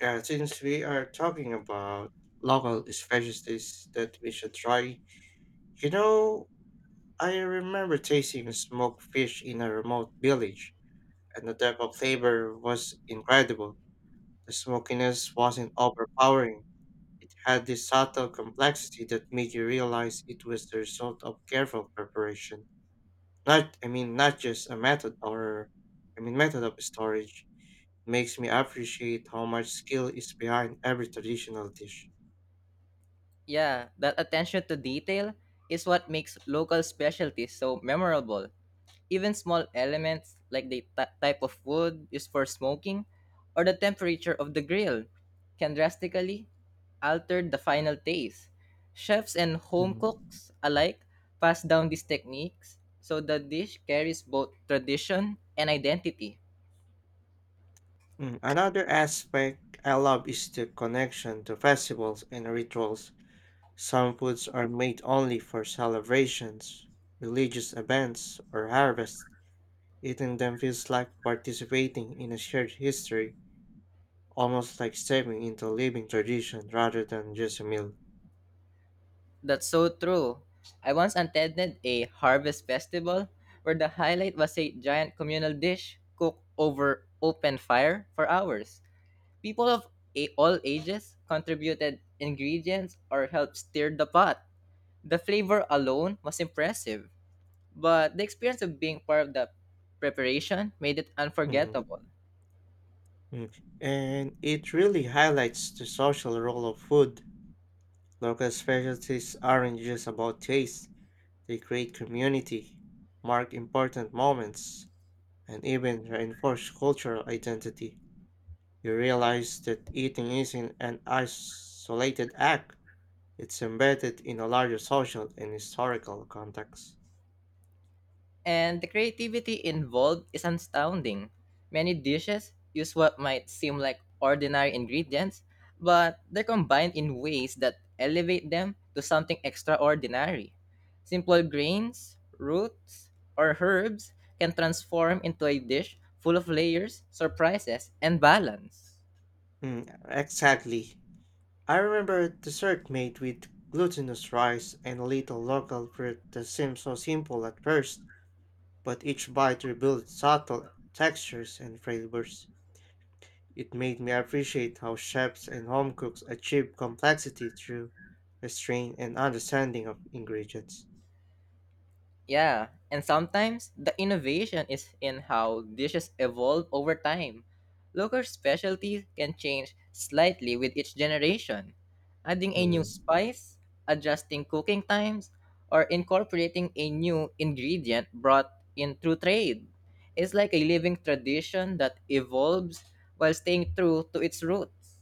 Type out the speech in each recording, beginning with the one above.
Yeah, since we are talking about local specialties that we should try, you know, I remember tasting smoked fish in a remote village, and the depth of flavor was incredible. The smokiness wasn't overpowering. It had this subtle complexity that made you realize it was the result of careful preparation. Not, I mean, Not just a method or method of storage. Makes me appreciate how much skill is behind every traditional dish. Yeah, that attention to detail is what makes local specialties so memorable. Even small elements like the type of wood used for smoking or the temperature of the grill can drastically alter the final taste. Chefs and home cooks alike pass down these techniques so the dish carries both tradition and identity. Mm. Another aspect I love is the connection to festivals and rituals. Some foods are made only for celebrations, religious events, or harvest. Eating them feels like participating in a shared history, almost like stepping into a living tradition rather than just a meal. That's so true. I once attended a harvest festival where the highlight was a giant communal dish cooked over open fire for hours. People of all ages contributed ingredients or helped stir the pot. The flavor alone was impressive, but the experience of being part of the preparation made it Mm, unforgettable. mm. And it really highlights the social role of food. Local specialties aren't just about taste, they create community, mark important moments, and even reinforce cultural identity. You realize that eating isn't an isolated act, it's embedded in a larger social and historical context. And the creativity involved is astounding. Many dishes use what might seem like ordinary ingredients, but they're combined in ways that elevate them to something extraordinary. Simple grains, roots, or herbs can transform into a dish full of layers, surprises, and balance. Mm, exactly. I remember a dessert made with glutinous rice and a little local fruit that seemed so simple at first, but each bite revealed subtle textures and flavors. It made me appreciate how chefs and home cooks achieve complexity through restraint and understanding of ingredients. Yeah, and sometimes the innovation is in how dishes evolve over time. Local specialties can change slightly with each generation, adding a new Mm, spice, adjusting cooking times, or incorporating a new ingredient brought in through trade. It's like a living tradition that evolves while staying true to its roots.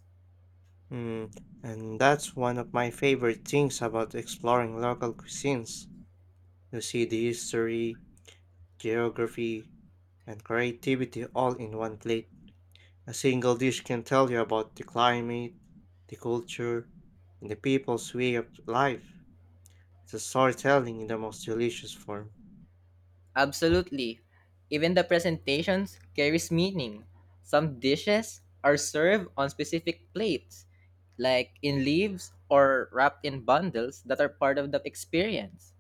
mm. And that's one of my favorite things about exploring local cuisines. You see the history, geography, and creativity all in one plate. A single dish can tell you about the climate, the culture, and the people's way of life. It's a storytelling in the most delicious form. Absolutely. Even the presentations carries meaning. Some dishes are served on specific plates, like in leaves or wrapped in bundles that are part of the experience.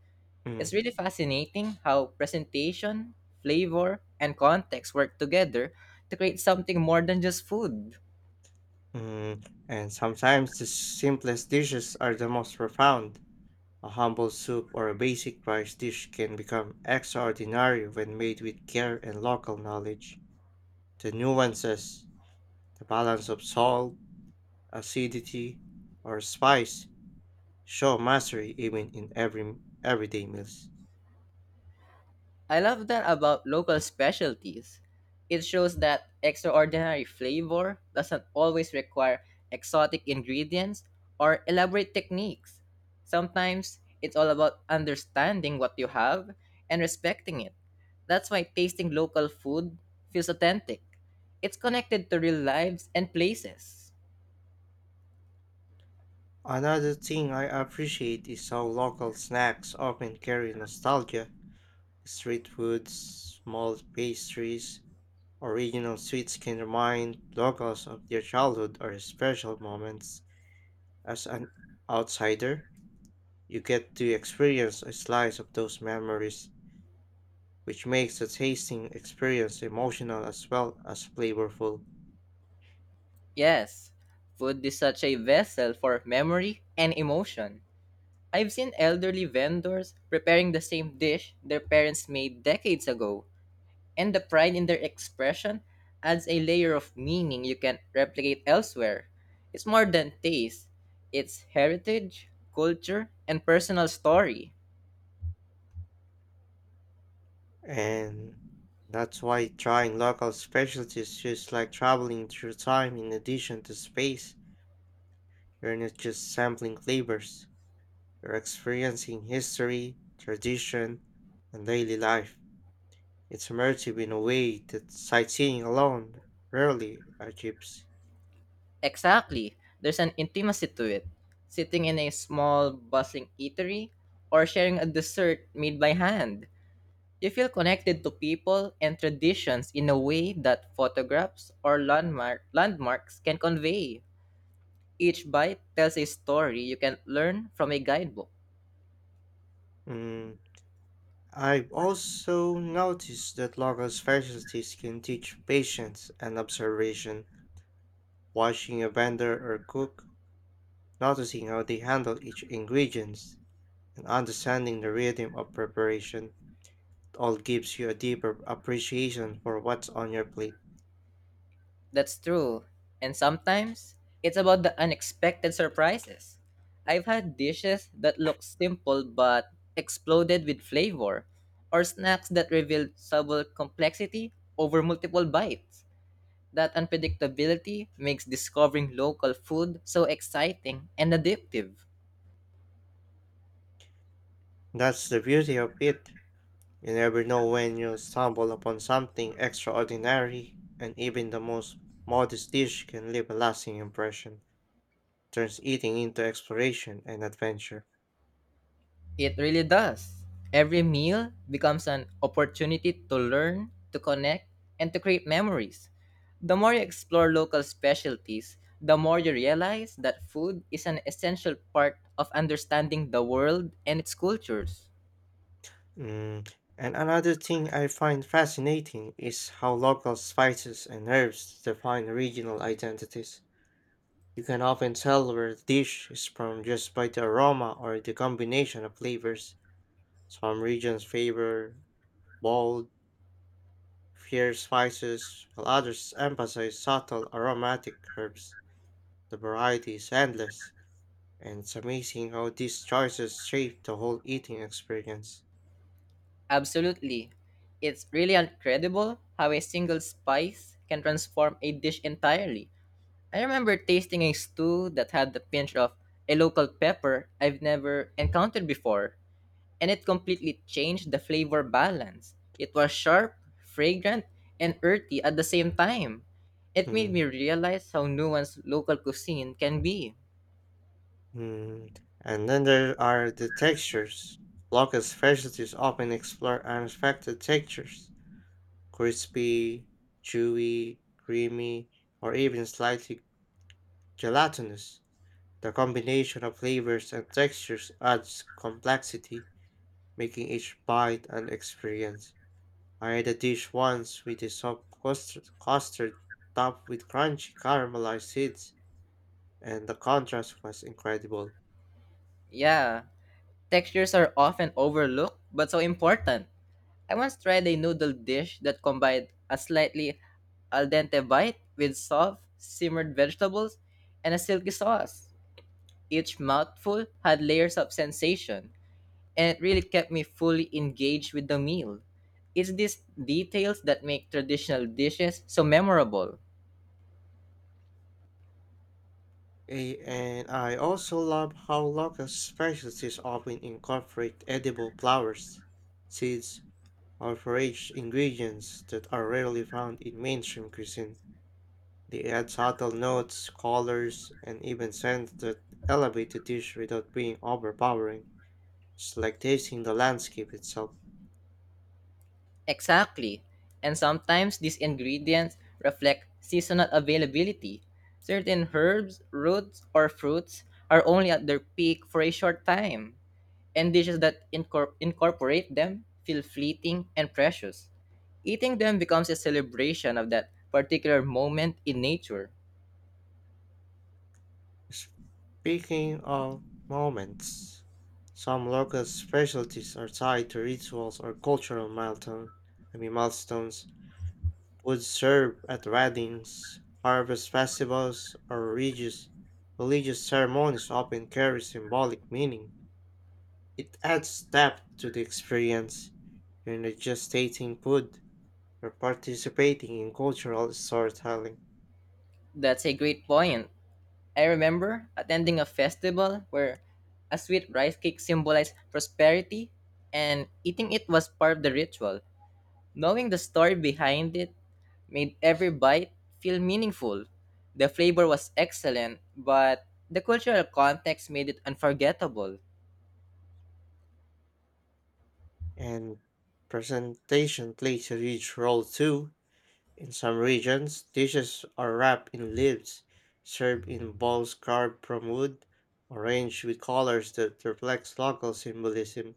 It's Mm. really fascinating how presentation, flavor, and context work together to create something more than just food. Mm, and sometimes the simplest dishes are the most profound. A humble soup or a basic rice dish can become extraordinary when made with care and local knowledge. The nuances, the balance of salt, acidity, or spice show mastery even in every everyday meals. I love that about local specialties. It shows that extraordinary flavor doesn't always require exotic ingredients or elaborate techniques. Sometimes it's all about understanding what you have and respecting it. That's why tasting local food feels authentic. It's connected to real lives and places. Another thing I appreciate is how local snacks often carry nostalgia. Street foods, small pastries, original sweets can remind locals of their childhood or special moments. As an outsider, you get to experience a slice of those memories, which makes the tasting experience emotional as well as flavorful. Yes, food is such a vessel for memory and emotion. I've seen elderly vendors preparing the same dish their parents made decades ago, and the pride in their expression adds a layer of meaning you can't replicate elsewhere. It's more than taste, it's heritage, culture, and personal story. And that's why trying local specialties feels like traveling through time in addition to space. You're not just sampling flavors, you're experiencing history, tradition, and daily life. It's immersive in a way that sightseeing alone rarely achieves. Exactly, there's an intimacy to it. Sitting in a small, bustling eatery or sharing a dessert made by hand. You feel connected to people and traditions in a way that photographs or landmarks can convey. Each bite tells a story you can learn from a guidebook. Mm, I've also noticed that local specialties can teach patience and observation, watching a vendor or cook, noticing how they handle each ingredient, and understanding the rhythm of preparation. All gives you a deeper appreciation for what's on your plate. That's true. And sometimes, it's about the unexpected surprises. I've had dishes that look simple but exploded with flavor, or snacks that revealed subtle complexity over multiple bites. That unpredictability makes discovering local food so exciting and addictive. That's the beauty of it. You never know when you'll stumble upon something extraordinary, and even the most modest dish can leave a lasting impression, turns eating into exploration and adventure. It really does. Every meal becomes an opportunity to learn, to connect, and to create memories. The more you explore local specialties, the more you realize that food is an essential part of understanding the world and its cultures. Mm. And another thing I find fascinating is how local spices and herbs define regional identities. You can often tell where a dish is from just by the aroma or the combination of flavors. Some regions favor bold fierce spices, while others emphasize subtle aromatic herbs. The variety is endless, and it's amazing how these choices shape the whole eating experience. Absolutely. It's really incredible how a single spice can transform a dish entirely. I remember tasting a stew that had the pinch of a local pepper I've never encountered before, and it completely changed the flavor balance. It was sharp, fragrant, and earthy at the same time. It made me Mm, realize how nuanced local cuisine can be. mm. And then there are the textures. Local specialties often explore unexpected textures: crispy, chewy, creamy, or even slightly gelatinous. The combination of flavors and textures adds complexity, making each bite an experience. I had a dish once with a soft custard topped with crunchy caramelized seeds, and the contrast was incredible. Yeah, textures are often overlooked but so important. I once tried a noodle dish that combined a slightly al dente bite with soft, simmered vegetables and a silky sauce. Each mouthful had layers of sensation, and it really kept me fully engaged with the meal. It's these details that make traditional dishes so memorable. And I also love how local specialties often incorporate edible flowers, seeds, or foraged ingredients that are rarely found in mainstream cuisine. They add subtle notes, colors, and even scents that elevate the dish without being overpowering. It's like tasting the landscape itself. Exactly. And sometimes these ingredients reflect seasonal availability. Certain herbs, roots, or fruits are only at their peak for a short time, and dishes that incorporate them feel fleeting and precious. Eating them becomes a celebration of that particular moment in nature. Speaking of moments, some local specialties are tied to rituals or cultural milestones. Would serve at weddings, harvest festivals, or religious ceremonies often carry symbolic meaning. It adds depth to the experience. You're not just tasting food, you're participating in cultural storytelling. That's a great point. I remember attending a festival where a sweet rice cake symbolized prosperity, and eating it was part of the ritual. Knowing the story behind it made every bite feel meaningful. The flavor was excellent, but the cultural context made it unforgettable. And presentation plays a huge role too. In some regions, dishes are wrapped in leaves, served in bowls carved from wood, arranged with colors that reflect local symbolism.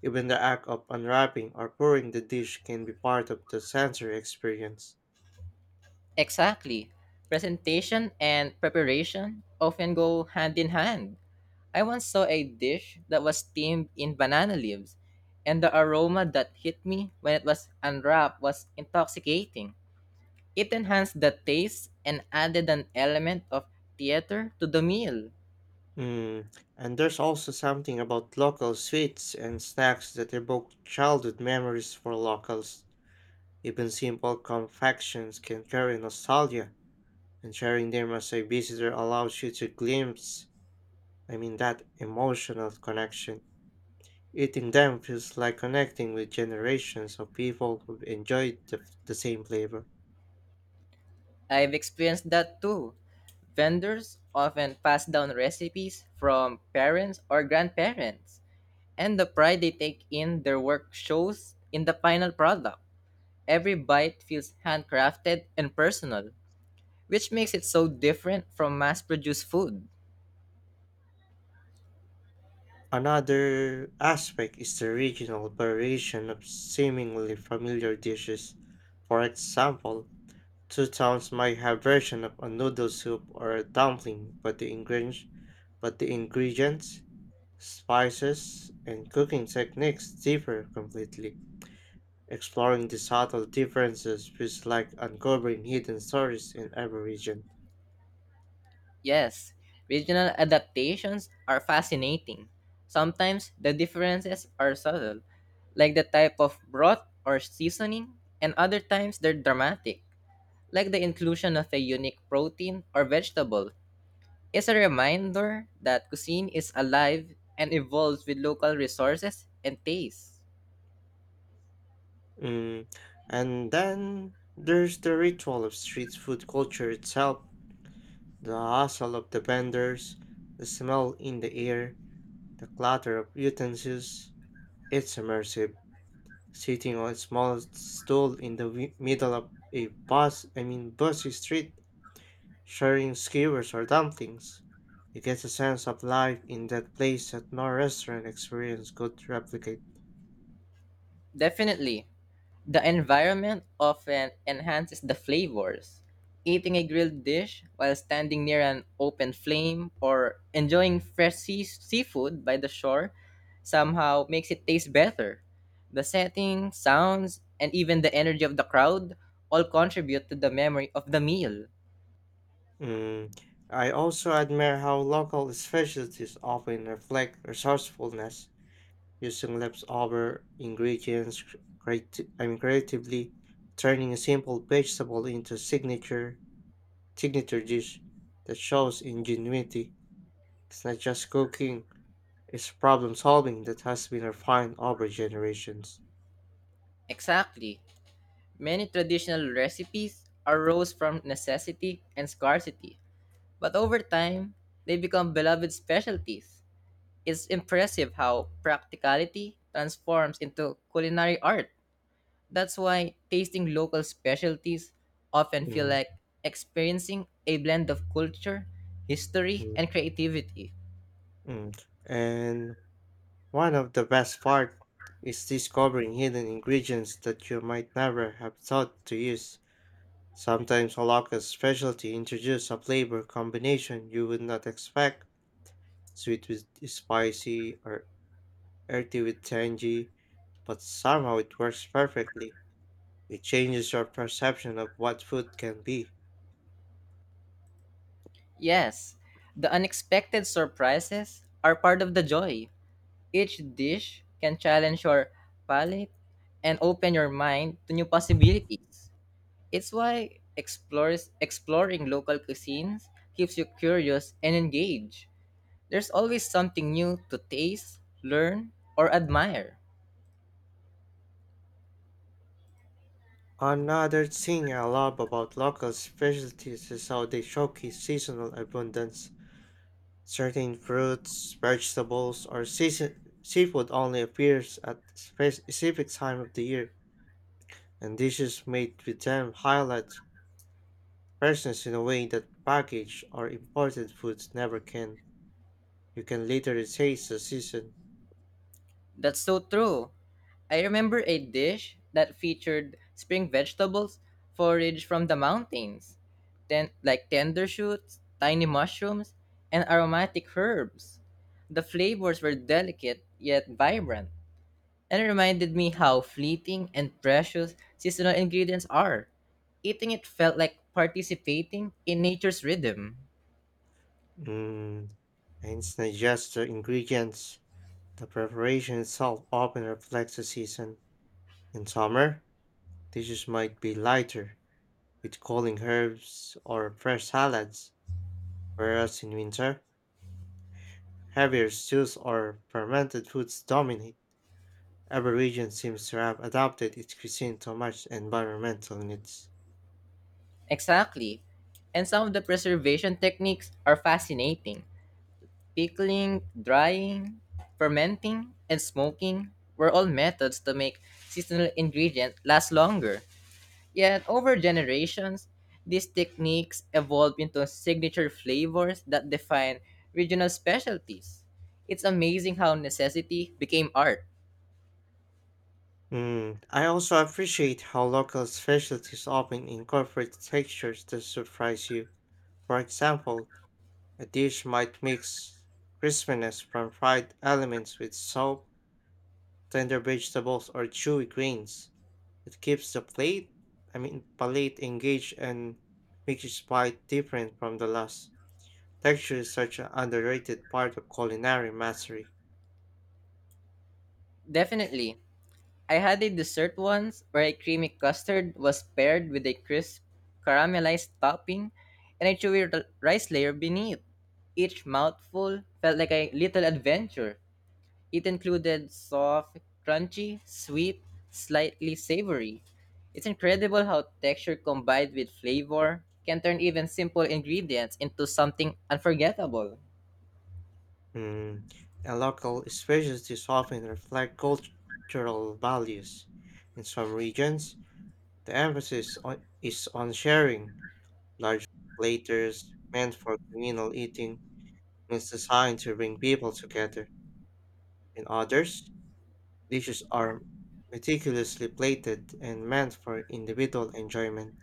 Even the act of unwrapping or pouring the dish can be part of the sensory experience. Exactly. Presentation and preparation often go hand in hand. I once saw a dish that was steamed in banana leaves, and the aroma that hit me when it was unwrapped was intoxicating. It enhanced the taste and added an element of theater to the meal. Mm. And there's also something about local sweets and snacks that evoke childhood memories for locals. Even simple confections can carry nostalgia, and sharing them as a visitor allows you to glimpse that emotional connection. Eating them feels like connecting with generations of people who enjoyed the same flavor. I've experienced that too. Vendors often pass down recipes from parents or grandparents, and the pride they take in their work shows in the final product. Every bite feels handcrafted and personal, which makes it so different from mass produced food. Another aspect is the regional variation of seemingly familiar dishes. For example, two towns might have version of a noodle soup or a dumpling, but the ingredients, but the ingredients, spices, and cooking techniques differ completely. Exploring the subtle differences feels like uncovering hidden stories in every region. Yes, regional adaptations are fascinating. Sometimes the differences are subtle, like the type of broth or seasoning, and other times they're dramatic, like the inclusion of a unique protein or vegetable. It's a reminder that cuisine is alive and evolves with local resources and tastes. Mm. And then there's the ritual of street food culture itself, the hustle of the vendors, the smell in the air, the clatter of utensils. It's immersive. Sitting on a small stool in the wi- middle of a bus, I mean busy street, sharing skewers or dumplings. You get a sense of life in that place that no restaurant experience could replicate. Definitely, the environment often enhances the flavors. Eating a grilled dish while standing near an open flame or enjoying fresh seafood by the shore somehow makes it taste better. The setting, sounds, and even the energy of the crowd all contribute to the memory of the meal. Mm. I also admire how local specialties often reflect resourcefulness, using leftover ingredients creatively, turning a simple vegetable into signature dish that shows ingenuity. It's not just cooking; it's problem solving that has been refined over generations. Exactly. Many traditional recipes arose from necessity and scarcity, but over time, they become beloved specialties. It's impressive how practicality transforms into culinary art. That's why tasting local specialties often feel Mm. like experiencing a blend of culture, history, Mm. and creativity. Mm. And one of the best part is discovering hidden ingredients that you might never have thought to use. Sometimes a local specialty introduces a flavor combination you would not expect, sweet with spicy or earthy with tangy, but somehow it works perfectly. It changes your perception of what food can be. Yes, the unexpected surprises are part of the joy. Each dish can challenge your palate and open your mind to new possibilities. It's why exploring local cuisines keeps you curious and engaged. There's always something new to taste, learn, or admire. Another thing I love about local specialties is how they showcase seasonal abundance. Certain fruits, vegetables, or seafood only appears at specific time of the year, and dishes made with them highlight freshness in a way that packaged or imported foods never can. You can literally taste the season. That's so true. I remember a dish that featured spring vegetables forage from the mountains, like tender shoots, tiny mushrooms, and aromatic herbs. The flavors were delicate yet vibrant, and it reminded me how fleeting and precious seasonal ingredients are. Eating it felt like participating in nature's rhythm. Mm, and it's not just the ingredients. The preparation itself often reflects the season. In summer, dishes might be lighter, with cooling herbs or fresh salads, whereas in winter, heavier stews or fermented foods dominate. Every region seems to have adapted its cuisine to match environmental needs. Exactly. And some of the preservation techniques are fascinating. Pickling, drying, fermenting, and smoking were all methods to make seasonal ingredients last longer. Yet, over generations, these techniques evolved into signature flavors that define regional specialties. It's amazing how necessity became art. Mm, I also appreciate how local specialties often incorporate textures that surprise you. For example, a dish might mix crispiness from fried elements with soft, tender vegetables, or chewy grains. It keeps the palate engaged and makes each bite different from the last. Texture is such an underrated part of culinary mastery. Definitely, I had a dessert once where a creamy custard was paired with a crisp caramelized topping and a chewy rice layer beneath. Each mouthful felt like a little adventure. It included soft, crunchy, sweet, slightly savory. It's incredible how texture combined with flavor can turn even simple ingredients into something unforgettable. Mm, and local specialties often reflect cultural values. In some regions, the is on sharing. Large platters meant for communal eating means designed to bring people together. In others, dishes are meticulously plated and meant for individual enjoyment,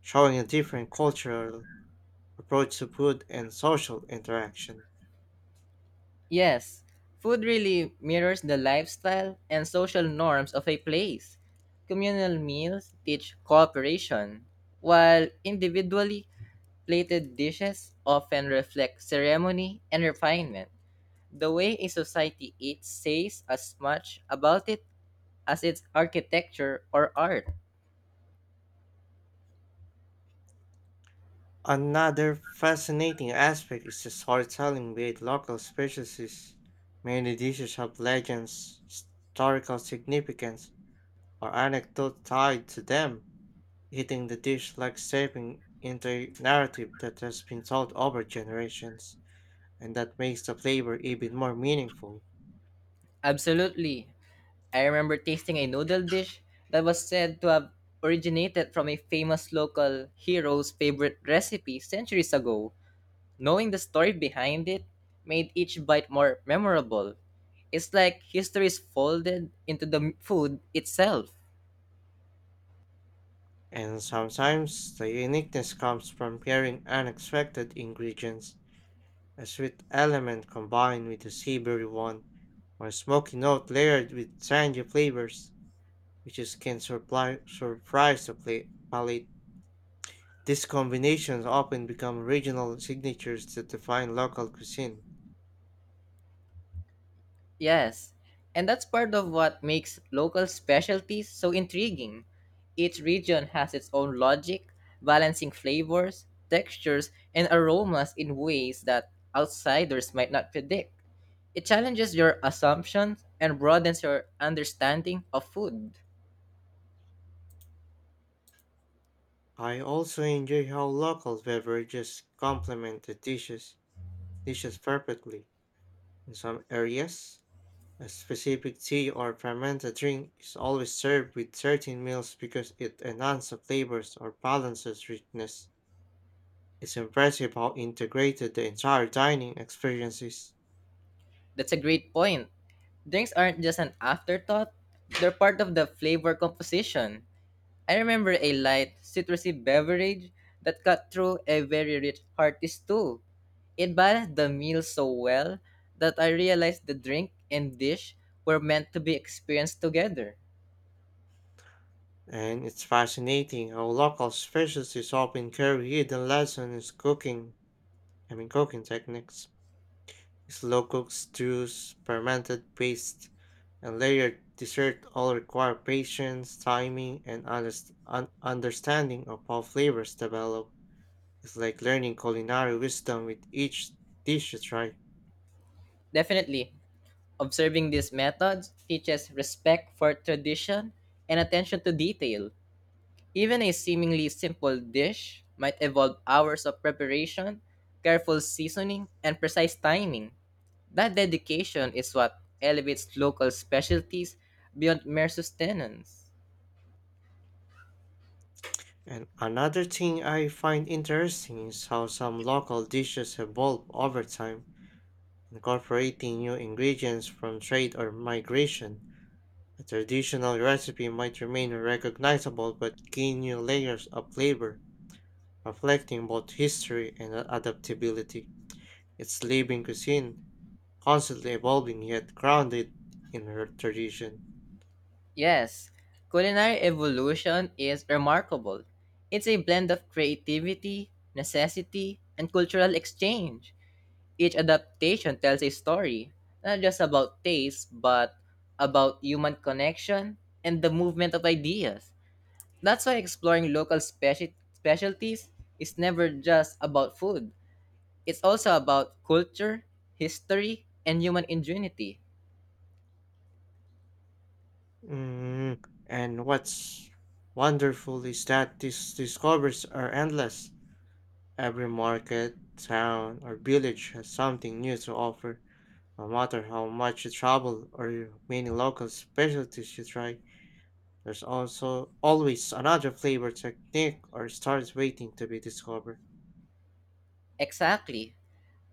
showing a different cultural approach to food and social interaction. Yes, food really mirrors the lifestyle and social norms of a place. Communal meals teach cooperation, while individually plated dishes often reflect ceremony and refinement. The way a society eats says as much about it as its architecture or art. Another fascinating aspect is the storytelling with local specialties. Many dishes have legends, historical significance, or anecdotes tied to them. Eating the dish like stepping into a narrative that has been told over generations, and that makes the flavor even more meaningful. Absolutely, I remember tasting a noodle dish that was said to have originated from a famous local hero's favorite recipe centuries ago. Knowing the story behind it made each bite more memorable. It's like history is folded into the food itself. And sometimes the uniqueness comes from pairing unexpected ingredients: a sweet element combined with a savory one, or a smoky note layered with tangy flavors, which is can surprise the palate. These combinations often become regional signatures that define local cuisine. Yes, and that's part of what makes local specialties so intriguing. Each region has its own logic, balancing flavors, textures, and aromas in ways that outsiders might not predict. It challenges your assumptions and broadens your understanding of food. I also enjoy how local beverages complement the dishes perfectly. In some areas, a specific tea or fermented drink is always served with certain meals because it enhances the flavors or balances richness. It's impressive how integrated the entire dining experience is, That's a great point. Drinks aren't just an afterthought, they're part of the flavor composition. I remember a light, citrusy beverage that cut through a very rich hearty stew. It balanced the meal so well that I realized the drink and dish were meant to be experienced together. and it's fascinating how local specialties often carry hidden lessons in cooking, I mean cooking techniques. Slow cooked stews, fermented paste, and layered dessert all require patience, timing, and understanding of how flavors develop. It's like learning culinary wisdom with each dish you try. Definitely, observing these methods teaches respect for tradition and attention to detail. Even a seemingly simple dish might involve hours of preparation, careful seasoning, and precise timing. That dedication is what elevates local specialties beyond mere sustenance. And another thing I find interesting is how some local dishes evolve over time, incorporating new ingredients from trade or migration. A traditional recipe might remain recognizable but gain new layers of flavor, reflecting both history and adaptability. It's living cuisine, constantly evolving yet grounded in her tradition. Yes, culinary evolution is remarkable. It's a blend of creativity, necessity, and cultural exchange. Each adaptation tells a story, not just about taste, but about human connection and the movement of ideas. That's why exploring local specialties is never just about food. It's also about culture, history, and human ingenuity. Mm, and what's wonderful is that these discoveries are endless. Every market, town, or village has something new to offer. No matter how much you travel or many local specialties you try, there's also always another flavor technique or starts waiting to be discovered. Exactly.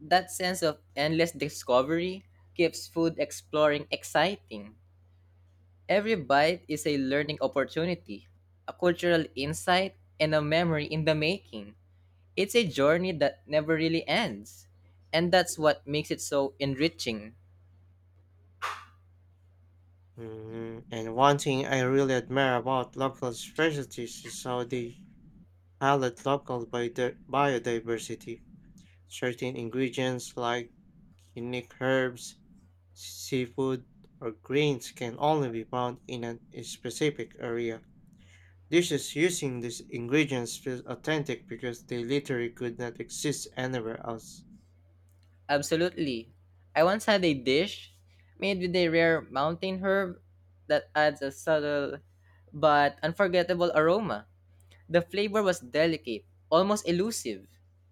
That sense of endless discovery keeps food exploring exciting. Every bite is a learning opportunity, a cultural insight, and a memory in the making. It's a journey that never really ends. And that's what makes it so enriching. Mhm. And one thing I really admire about local specialties is how they highlight local biodiversity. Certain ingredients like unique herbs, seafood, or grains can only be found in a specific area. Dishes using these ingredients feel authentic because they literally could not exist anywhere else. Absolutely. I once had a dish made with a rare mountain herb that adds a subtle but unforgettable aroma. The flavor was delicate, almost elusive,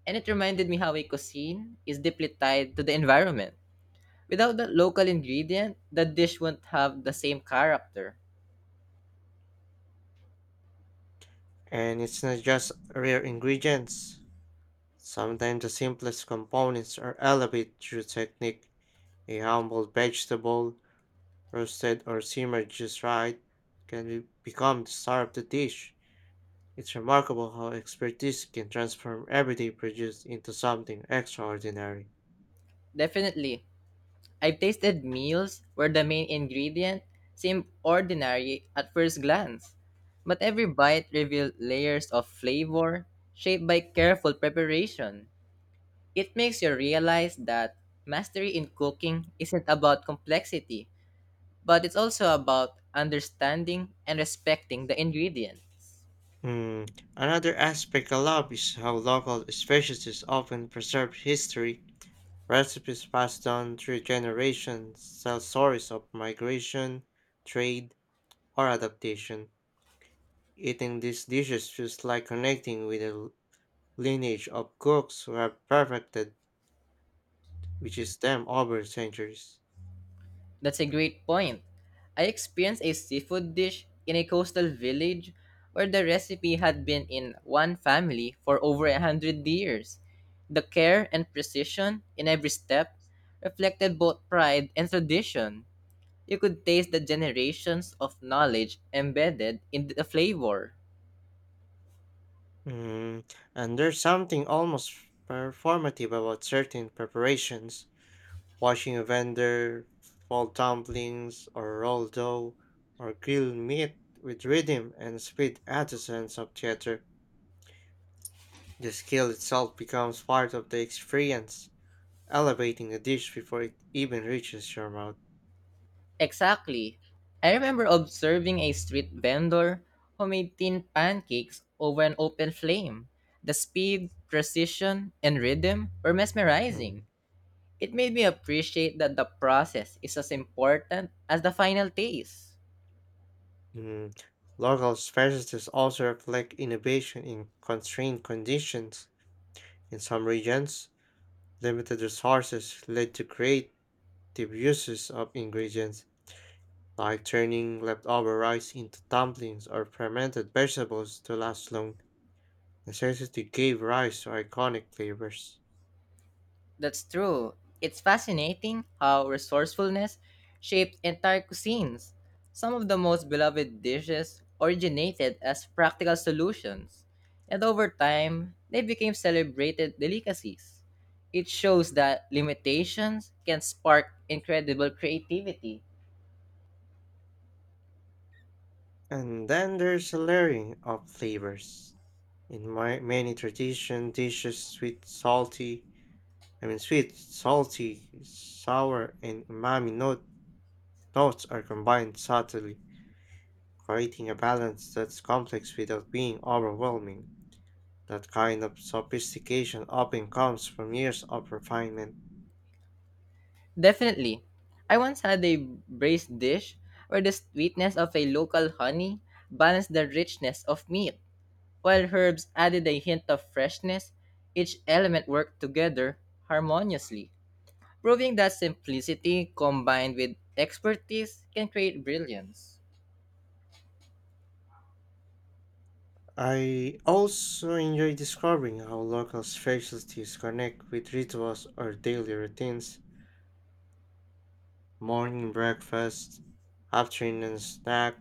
and it reminded me how a cuisine is deeply tied to the environment. Without that local ingredient, the dish wouldn't have the same character. And it's not just rare ingredients. Sometimes the simplest components are elevated through technique. A humble vegetable, roasted or simmered just right, can become the star of the dish. It's remarkable how expertise can transform everyday produce into something extraordinary. Definitely, I've tasted meals where the main ingredient seemed ordinary at first glance, but every bite revealed layers of flavor shaped by careful preparation. It makes you realize that mastery in cooking isn't about complexity, but it's also about understanding and respecting the ingredient. Hmm. Another aspect I love is how local specialties often preserve history. Recipes passed down through generations tell stories of migration, trade, or adaptation. Eating these dishes feels like connecting with a lineage of cooks who have perfected, which is them over centuries. That's a great point. I experienced a seafood dish in a coastal village where the recipe had been in one family for over 100 years. The care and precision in every step reflected both pride and tradition. You could taste the generations of knowledge embedded in the flavor. Mm, and there's something almost performative about certain preparations, watching a vendor, fold dumplings, or roll dough, or grill meat with rhythm and speed adds a sense of theater. The skill itself becomes part of the experience, elevating the dish before it even reaches your mouth. Exactly. I remember observing a street vendor who made tin pancakes over an open flame. The speed, precision, and rhythm were mesmerizing. Mm. It made me appreciate that the process is as important as the final taste. Mm. Local specialties also reflect innovation in constrained conditions. In some regions, limited resources led to creative uses of ingredients, like turning leftover rice into dumplings or fermented vegetables to last long. Necessity gave rise to iconic flavors. That's true. It's fascinating how resourcefulness shaped entire cuisines. Some of the most beloved dishes originated as practical solutions, and over time, they became celebrated delicacies. It shows that limitations can spark incredible creativity. And then there's a layering of flavors. In my many tradition dishes, sweet, salty, sour, and umami notes are combined subtly, creating a balance that's complex without being overwhelming. That kind of sophistication often comes from years of refinement. Definitely. I once had a braised dish where the sweetness of a local honey balanced the richness of meat. While herbs added a hint of freshness, each element worked together harmoniously, proving that simplicity combined with expertise can create brilliance. I also enjoy discovering how local specialties connect with rituals or daily routines. Morning breakfast, afternoon snack,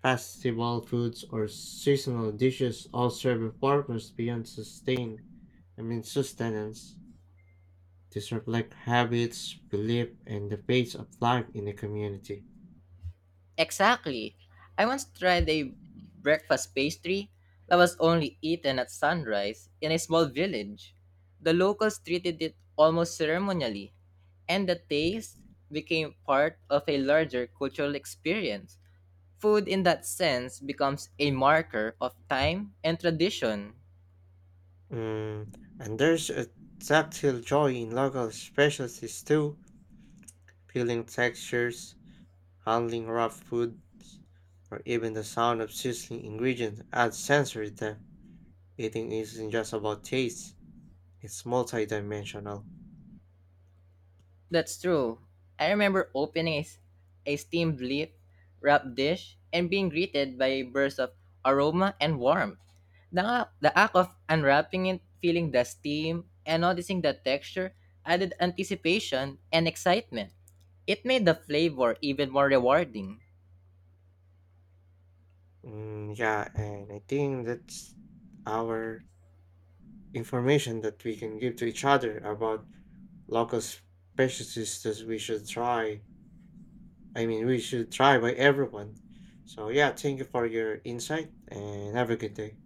festival foods, or seasonal dishes all serve a purpose beyond sustain. I mean sustenance. These reflect habits, belief, and the pace of life in a community. Exactly. I once tried a breakfast pastry that was only eaten at sunrise in a small village. The locals treated it almost ceremonially, and the taste became part of a larger cultural experience. Food in that sense becomes a marker of time and tradition. Mm, and there's a tactile joy in local specialties too, peeling textures, handling raw food, or even the sound of sizzling ingredients adds sensory depth. Eating isn't just about taste, it's multidimensional. That's true. I remember opening a steamed leaf wrapped dish and being greeted by bursts of aroma and warmth. The act of unwrapping it, feeling the steam, and noticing the texture added anticipation and excitement. It made the flavor even more rewarding. Mm, yeah, and I think that's our information that we can give to each other about local specialties that we should try. I mean, we should try by everyone. So, yeah, thank you for your insight and have a good day.